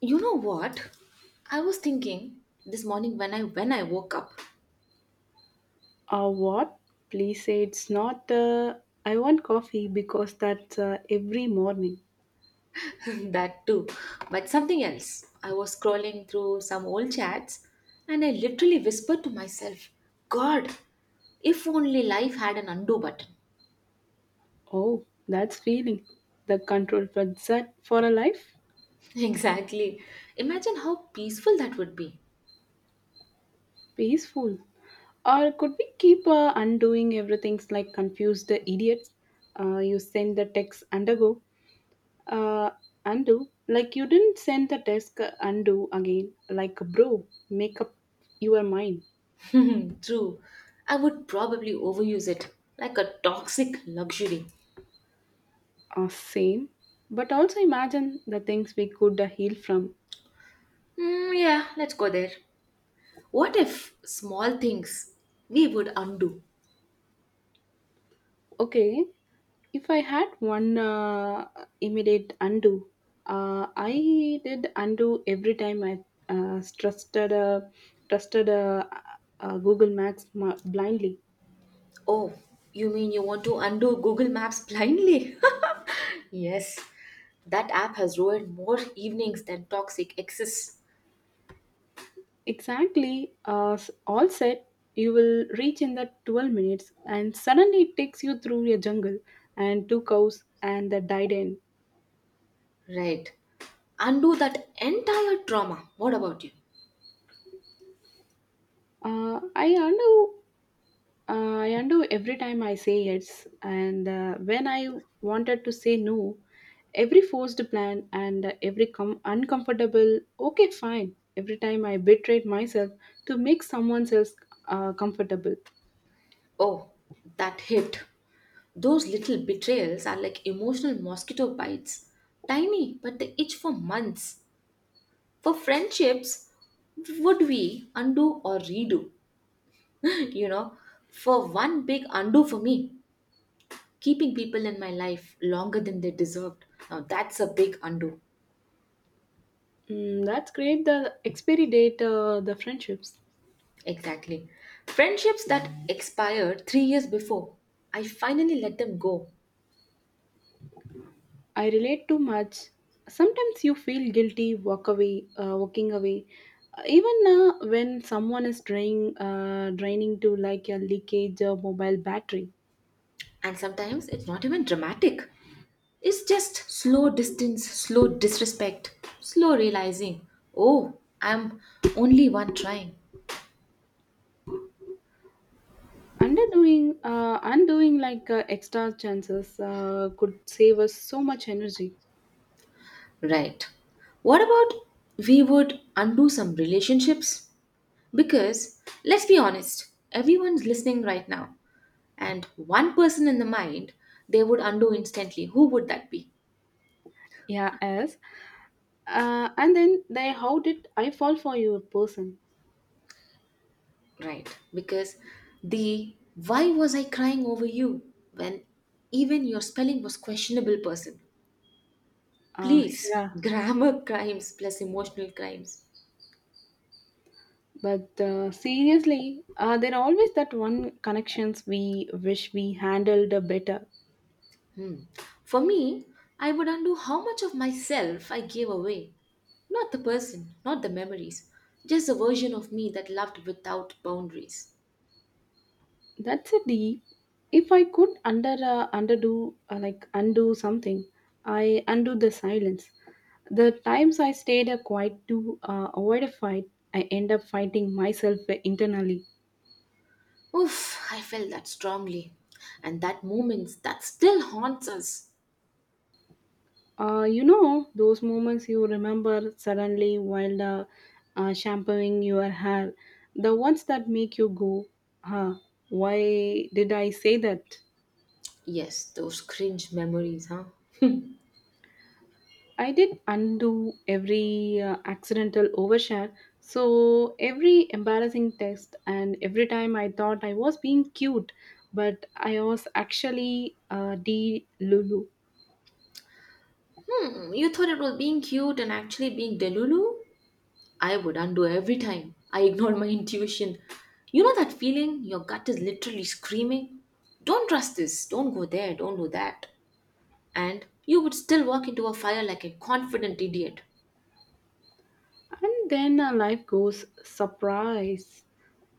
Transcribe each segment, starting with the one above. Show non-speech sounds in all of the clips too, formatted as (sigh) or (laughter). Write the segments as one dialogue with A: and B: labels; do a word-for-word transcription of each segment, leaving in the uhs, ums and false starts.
A: You know what? I was thinking this morning when I when I woke up.
B: Uh, what? Please say it's not. Uh, I want coffee because that's uh, every morning.
A: (laughs) That too, but something else. I was scrolling through some old chats and I literally whispered to myself, "God, if only life had an undo button."
B: Oh, that's feeling. The control for that for a life?
A: (laughs) Exactly. Imagine how peaceful that would be.
B: Peaceful. Or could we keep uh, undoing everything's like confused idiots? Uh, you send the text undergo, uh, undo. Like you didn't send the text uh, undo again. Like bro, make up your mind.
A: (laughs) True. I would probably overuse it like a toxic luxury.
B: Uh, same. But also imagine the things we could uh, heal from.
A: Mm, yeah, let's go there. What if small things we would undo?
B: Okay, if I had one uh, immediate undo, uh, I did undo every time I uh, trusted uh, trusted uh, uh, Google Maps ma- blindly.
A: Oh, you mean you want to undo Google Maps blindly? (laughs) Yes, that app has ruined more evenings than toxic exes.
B: Exactly, uh, s- all said, you will reach in the twelve minutes, and suddenly it takes you through a jungle and two cows and the died end.
A: Right. Undo that entire trauma. What about you?
B: Uh, I undo Uh, I undo every time I say yes, and uh, when I wanted to say no, every forced plan and uh, every com- uncomfortable, okay, fine, every time I betrayed myself to make someone else uh, comfortable.
A: Oh, that hit. Those little betrayals are like emotional mosquito bites. Tiny, but they itch for months. For friendships, would we undo or redo? (laughs) you know, for one big undo for me, keeping people in my life longer than they deserved. Now that's a big undo.
B: Mm, that's great. The expiry date, uh, the friendships.
A: Exactly. Friendships that expired three years before, I finally let them go.
B: I relate too much. Sometimes you feel guilty, walk away, uh, walking away. Uh, Even uh, when someone is draining, uh, draining to like a leakage or mobile battery.
A: And sometimes it's not even dramatic. It's just slow distance, slow disrespect, slow realizing, oh, I'm only one trying.
B: Underdoing, uh, undoing like uh, extra chances uh, could save us so much energy.
A: Right. What about we would undo some relationships? Because let's be honest, everyone's listening right now, and one person in the mind they would undo instantly, who would that be?
B: Yeah, as uh, and then they how did I fall for you person?
A: Right, because the why was I crying over you, when even your spelling was questionable, person?
B: Uh,
A: Please,
B: yeah,
A: (laughs) grammar crimes plus emotional crimes.
B: but uh, seriously, uh, there are always that one connections we wish we handled better.
A: Hmm. For me, I would undo how much of myself I gave away, not the person, not the memories, just a version of me that loved without boundaries.
B: That's a D. If I could under uh, underdo uh, like undo something, I undo the silence. The times I stayed uh, quiet to uh, avoid a fight, I end up fighting myself internally.
A: Oof, I felt that strongly. And that moment that still haunts us.
B: Uh, you know those moments you remember suddenly while uh, uh, shampooing your hair, the ones that make you go, "Huh? Why did I say that?"
A: Yes, those cringe memories, huh?
B: I did undo every uh, accidental overshare, so every embarrassing text, and every time I thought I was being cute, but I was actually uh, D Lulu.
A: Hmm, you thought it was being cute and actually being Delulu? I would undo every time I ignored my intuition. You know that feeling? Your gut is literally screaming. Don't trust this, don't go there, don't do that. And you would still walk into a fire like a confident idiot.
B: And then uh, life goes surprise.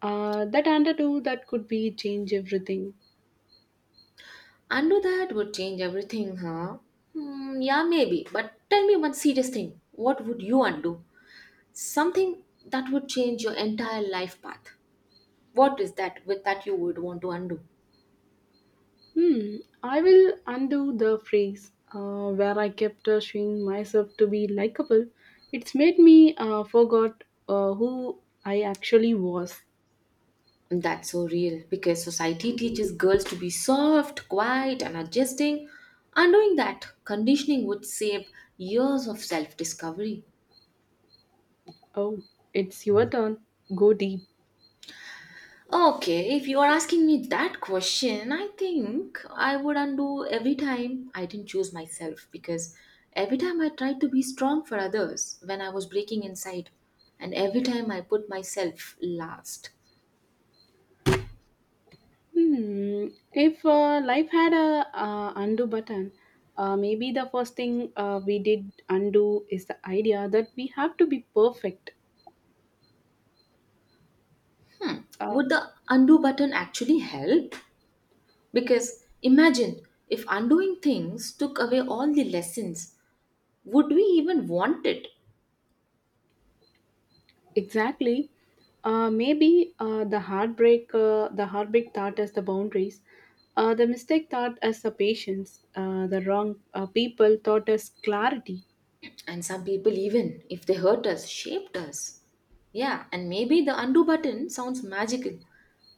B: Uh, that underdo that could be change everything.
A: Undo that would change everything, huh? Hmm, yeah, maybe. But tell me one serious thing. What would you undo? Something that would change your entire life path, what is that with that you would want to undo?
B: Hmm, I will undo the phrase uh, where I kept uh, showing myself to be likable. It's made me uh, forgot uh, who I actually was.
A: And that's so real because society teaches girls to be soft, quiet, and adjusting. Undoing that conditioning would save years of self-discovery.
B: Oh, it's your turn. Go deep.
A: Okay, if you are asking me that question, I think I would undo every time I didn't choose myself, because every time I tried to be strong for others when I was breaking inside, and every time I put myself last.
B: Hmm. If uh, life had a uh, undo button, uh, maybe the first thing uh, we did undo is the idea that we have to be perfect. Uh,
A: Would the undo button actually help? Because imagine if undoing things took away all the lessons, would we even want it?
B: Exactly. Uh, maybe uh, the heartbreak, uh, the heartbreak thought as the boundaries, uh, the mistake thought as the patience, uh, the wrong uh, people thought as clarity.
A: And some people, even if they hurt us, shaped us. Yeah, and maybe the undo button sounds magical,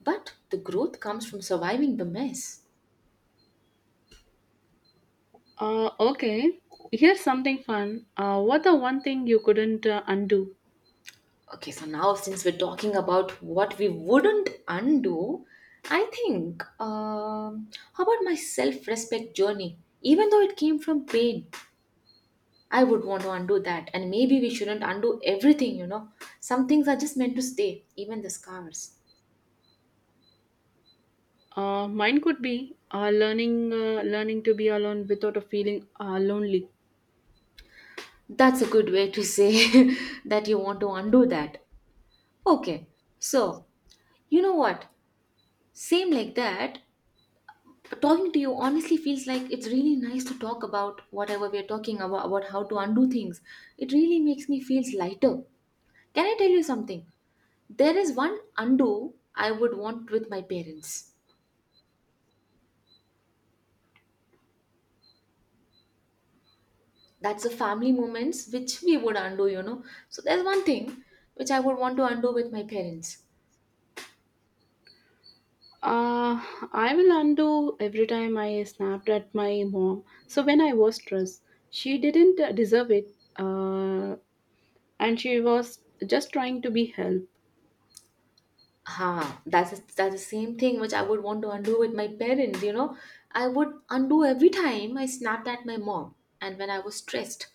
A: but the growth comes from surviving the mess.
B: Uh, okay, here's something fun. Uh, what the one thing you couldn't uh, undo?
A: Okay, so now since we're talking about what we wouldn't undo, I think um, how about my self-respect journey? Even though it came from pain, I would want to undo that. And maybe we shouldn't undo everything, you know. Some things are just meant to stay, even the scars.
B: Uh, mine could be uh, learning, uh, learning to be alone without a feeling uh, lonely.
A: That's a good way to say (laughs) that you want to undo that. Okay, so you know what? Same like that, talking to you honestly feels like it's really nice to talk about whatever we're talking about, about how to undo things. It really makes me feel lighter. Can I tell you something? There is one undo I would want with my parents. That's the family moments which we would undo, you know. So there's one thing which I would want to undo with my parents.
B: Uh, I will undo every time I snapped at my mom. So when I was stressed, she didn't uh, deserve it, uh, and she was just trying to be help.
A: Ah, that's that's the same thing which I would want to undo with my parents, you know. I would undo every time I snapped at my mom, and when I was stressed,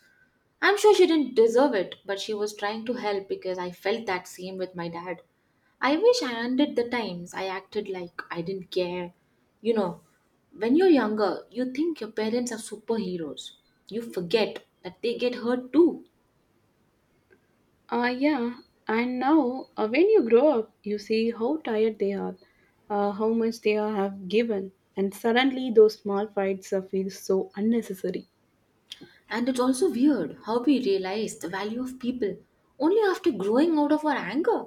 A: I'm sure she didn't deserve it, but she was trying to help, because I felt that same with my dad. I wish I undid the times I acted like I didn't care. You know, when you're younger, you think your parents are superheroes. You forget that they get hurt too.
B: Uh, yeah, and now uh, when you grow up, you see how tired they are, uh, how much they are, have given, and suddenly those small fights uh, feel so unnecessary.
A: And it's also weird how we realize the value of people only after growing out of our anger.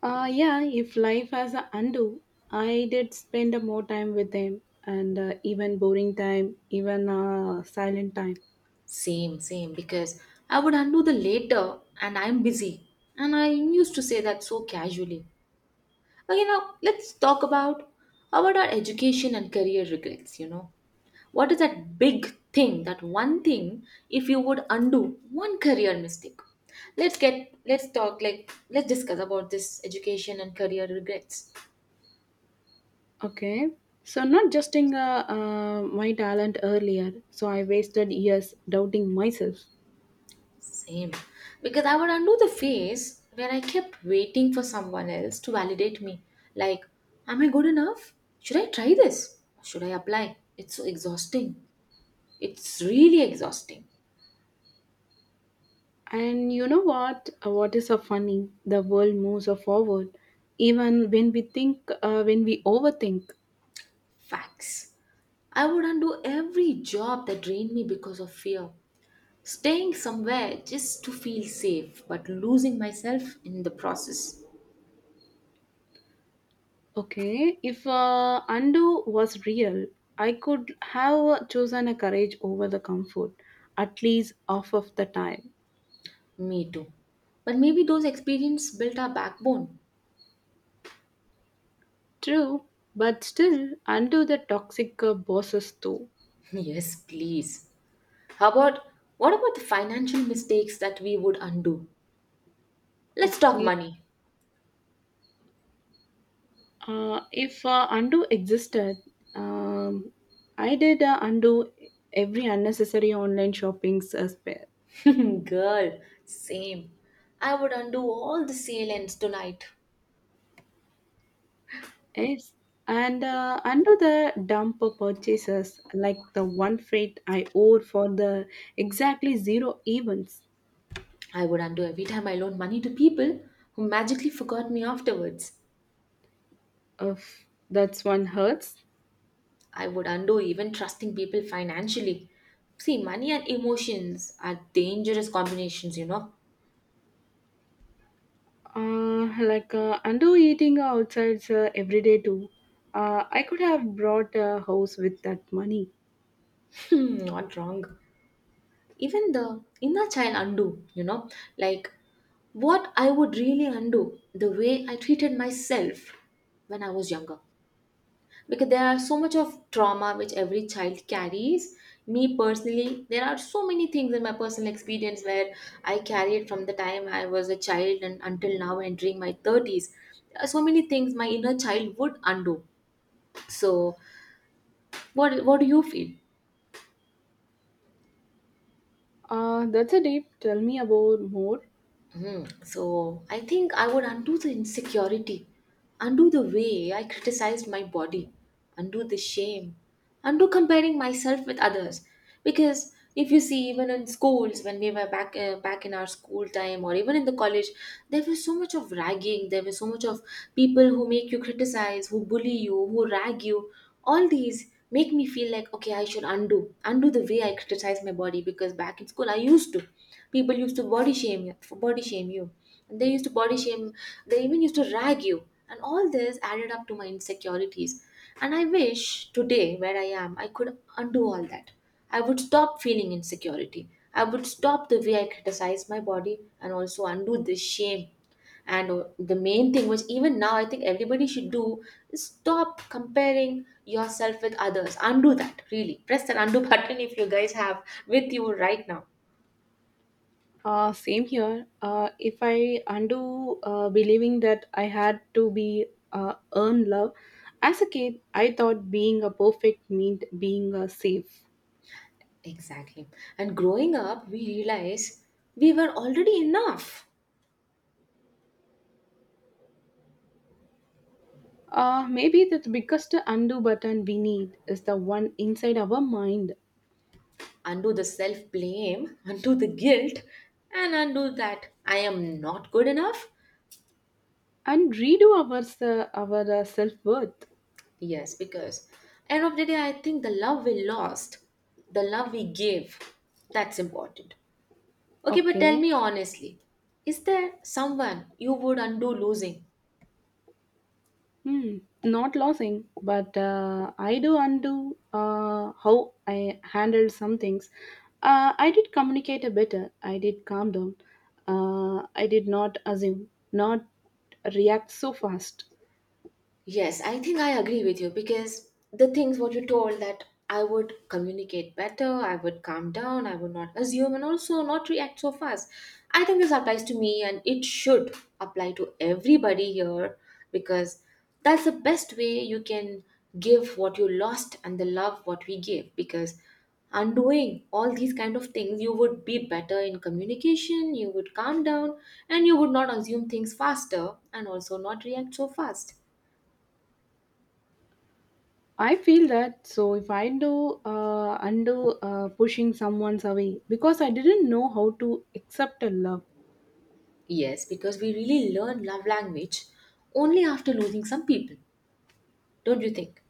B: Uh, yeah, if life has a undo, I did spend more time with them and uh, even boring time, even uh, silent time.
A: Same, same, because I would undo the later and I'm busy. And I used to say that so casually. Okay, now let's talk about about our education and career regrets. You know, what is that big thing? That one thing, if you would undo one career mistake, let's get let's talk like let's discuss about this education and career regrets.
B: Okay. So not justing uh, uh, my talent earlier, so I wasted years doubting myself.
A: Same, because I would undo the phase where I kept waiting for someone else to validate me. Like, am I good enough? Should I try this? Should I apply? It's so exhausting. It's really exhausting.
B: And you know what? Uh, What is so funny? The world moves forward, even when we think, uh, when we overthink.
A: Facts. I would undo every job that drained me because of fear. Staying somewhere just to feel safe, but losing myself in the process.
B: Okay, if uh, undo was real, I could have chosen a courage over the comfort, at least half of the time.
A: Me too. But maybe those experiences built our backbone.
B: True, but still undo the toxic uh, bosses too.
A: (laughs) Yes, please. How about what about the financial mistakes that we would undo? Let's talk
B: Okay,
A: money.
B: uh, if uh, undo existed, um, I did uh, undo every unnecessary online shopping uh, spell.
A: (laughs) Girl, same. I would undo all the sale ends tonight.
B: Yes, and uh, under the dump purchases, like the one freight I owe for the exactly zero events.
A: I would undo every time I loaned money to people who magically forgot me afterwards.
B: Of that's one hurts.
A: I would undo even trusting people financially. See, money and emotions are dangerous combinations, you know.
B: Uh, like uh, undo eating outside uh, every day too. Uh, I could have brought a house with that money.
A: (laughs) (clears throat) Not wrong. Even the inner child undo, you know, like what I would really undo, the way I treated myself when I was younger. Because there are so much of trauma which every child carries. Me personally, there are so many things in my personal experience where I carried from the time I was a child and until now entering my thirties. There are so many things my inner child would undo. So, what what do you feel?
B: Uh, that's a deep. Tell me about more.
A: Mhm. So I think I would undo the insecurity, undo the way I criticized my body, undo the shame, undo comparing myself with others. Because if you see, even in schools, when we were back uh, back in our school time, or even in the college, there was so much of ragging. There was so much of people who make you criticize, who bully you, who rag you. All these make me feel like, okay, I should undo undo the way I criticize my body, because back in school I used to. People used to body shame you, body shame you. And they used to body shame. They even used to rag you. And all this added up to my insecurities. And I wish today, where I am, I could undo all that. I would stop feeling insecurity. I would stop the way I criticize my body, and also undo this shame. And uh, the main thing which even now I think everybody should do is stop comparing yourself with others. Undo that, really press that undo (laughs) button if you guys have with you right now.
B: Uh, same here. Uh, if I undo uh, believing that I had to be uh, earn love as a kid, I thought being a perfect meant being uh, safe.
A: Exactly. And growing up, we realize we were already enough.
B: Uh, maybe the biggest undo button we need is the one inside our mind
A: Undo the self blame, (laughs) undo the guilt, and undo that I am not good enough.
B: and redo our uh, our uh, self worth.
A: Yes, because end of the day, I think the love we lost, the love we gave, that's important. Okay, but tell
B: Okay.
A: me honestly, is there someone you would undo losing?
B: Hmm, not losing, but uh, I do undo uh, how I handled some things. Uh, I did communicate a better. I did calm down. Uh, I did not assume, not react so fast.
A: Yes, I think I agree with you, because the things what you told that I would communicate better, I would calm down, I would not assume, and also not react so fast. I think this applies to me, and it should apply to everybody here, because that's the best way you can give what you lost and the love what we give. Because undoing all these kind of things, you would be better in communication, you would calm down, and you would not assume things faster and also not react so fast.
B: I feel that so if I do uh, undo uh, pushing someone's away because I didn't know how to accept a love.
A: Yes, because we really learn love language only after losing some people, don't you think?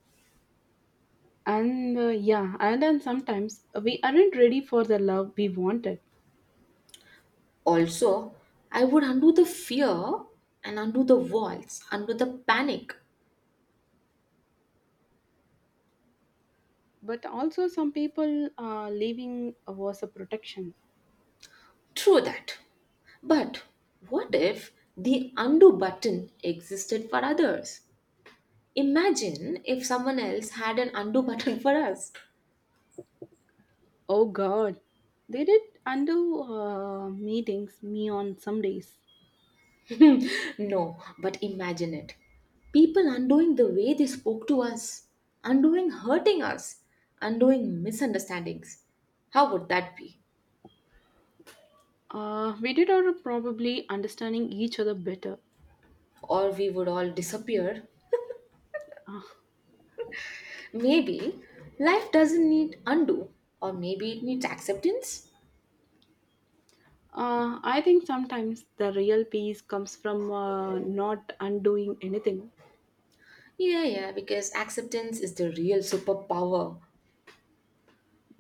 B: And uh, yeah, and then sometimes we aren't ready for the love we wanted.
A: Also, I would undo the fear and undo the walls, undo the panic.
B: But also, some people uh, leaving was a protection.
A: True that. But what if the undo button existed for others? Imagine if someone else had an undo (laughs) button for us.
B: Oh God, they did undo uh, meetings me on some days.
A: No, but imagine it. People undoing the way they spoke to us, undoing hurting us, undoing misunderstandings. How would that be?
B: Uh, we did our probably understanding each other better.
A: Or we would all disappear.
B: Uh,
A: Maybe life doesn't need undo, or maybe it needs acceptance.
B: uh, I think sometimes the real peace comes from uh, not undoing anything
A: Yeah, yeah, because acceptance is the real superpower.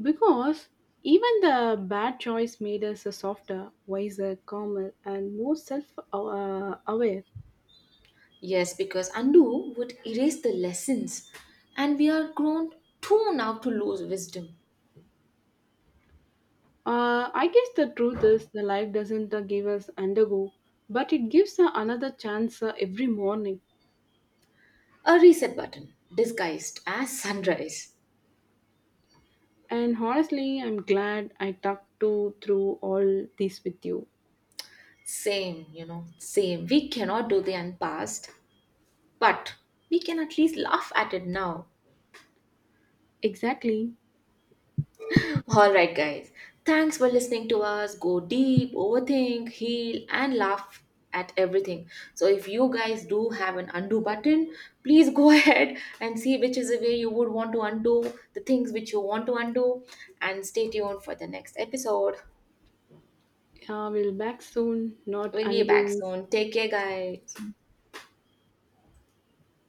B: because even the bad choice made us softer, wiser, calmer, and more self uh, aware.
A: Yes, because undo would erase the lessons, and we are grown too now to lose wisdom.
B: Uh, I guess the truth is the life doesn't uh, give us undergo, but it gives uh, another chance uh, every morning.
A: A reset button disguised as sunrise.
B: And honestly, I'm glad I talked to through all this with you.
A: Same, you know, same. We cannot do the past, but we can at least laugh at it now.
B: Exactly.
A: All right, guys. Thanks for listening to us. Go deep, overthink, heal, and laugh at everything. So, if you guys do have an undo button, please go (laughs) ahead and see which is the way you would want to undo the things which you want to undo. And stay tuned for the next episode.
B: Uh, we'll back soon, not
A: We'll be back
B: undoing
A: soon. Take care, guys.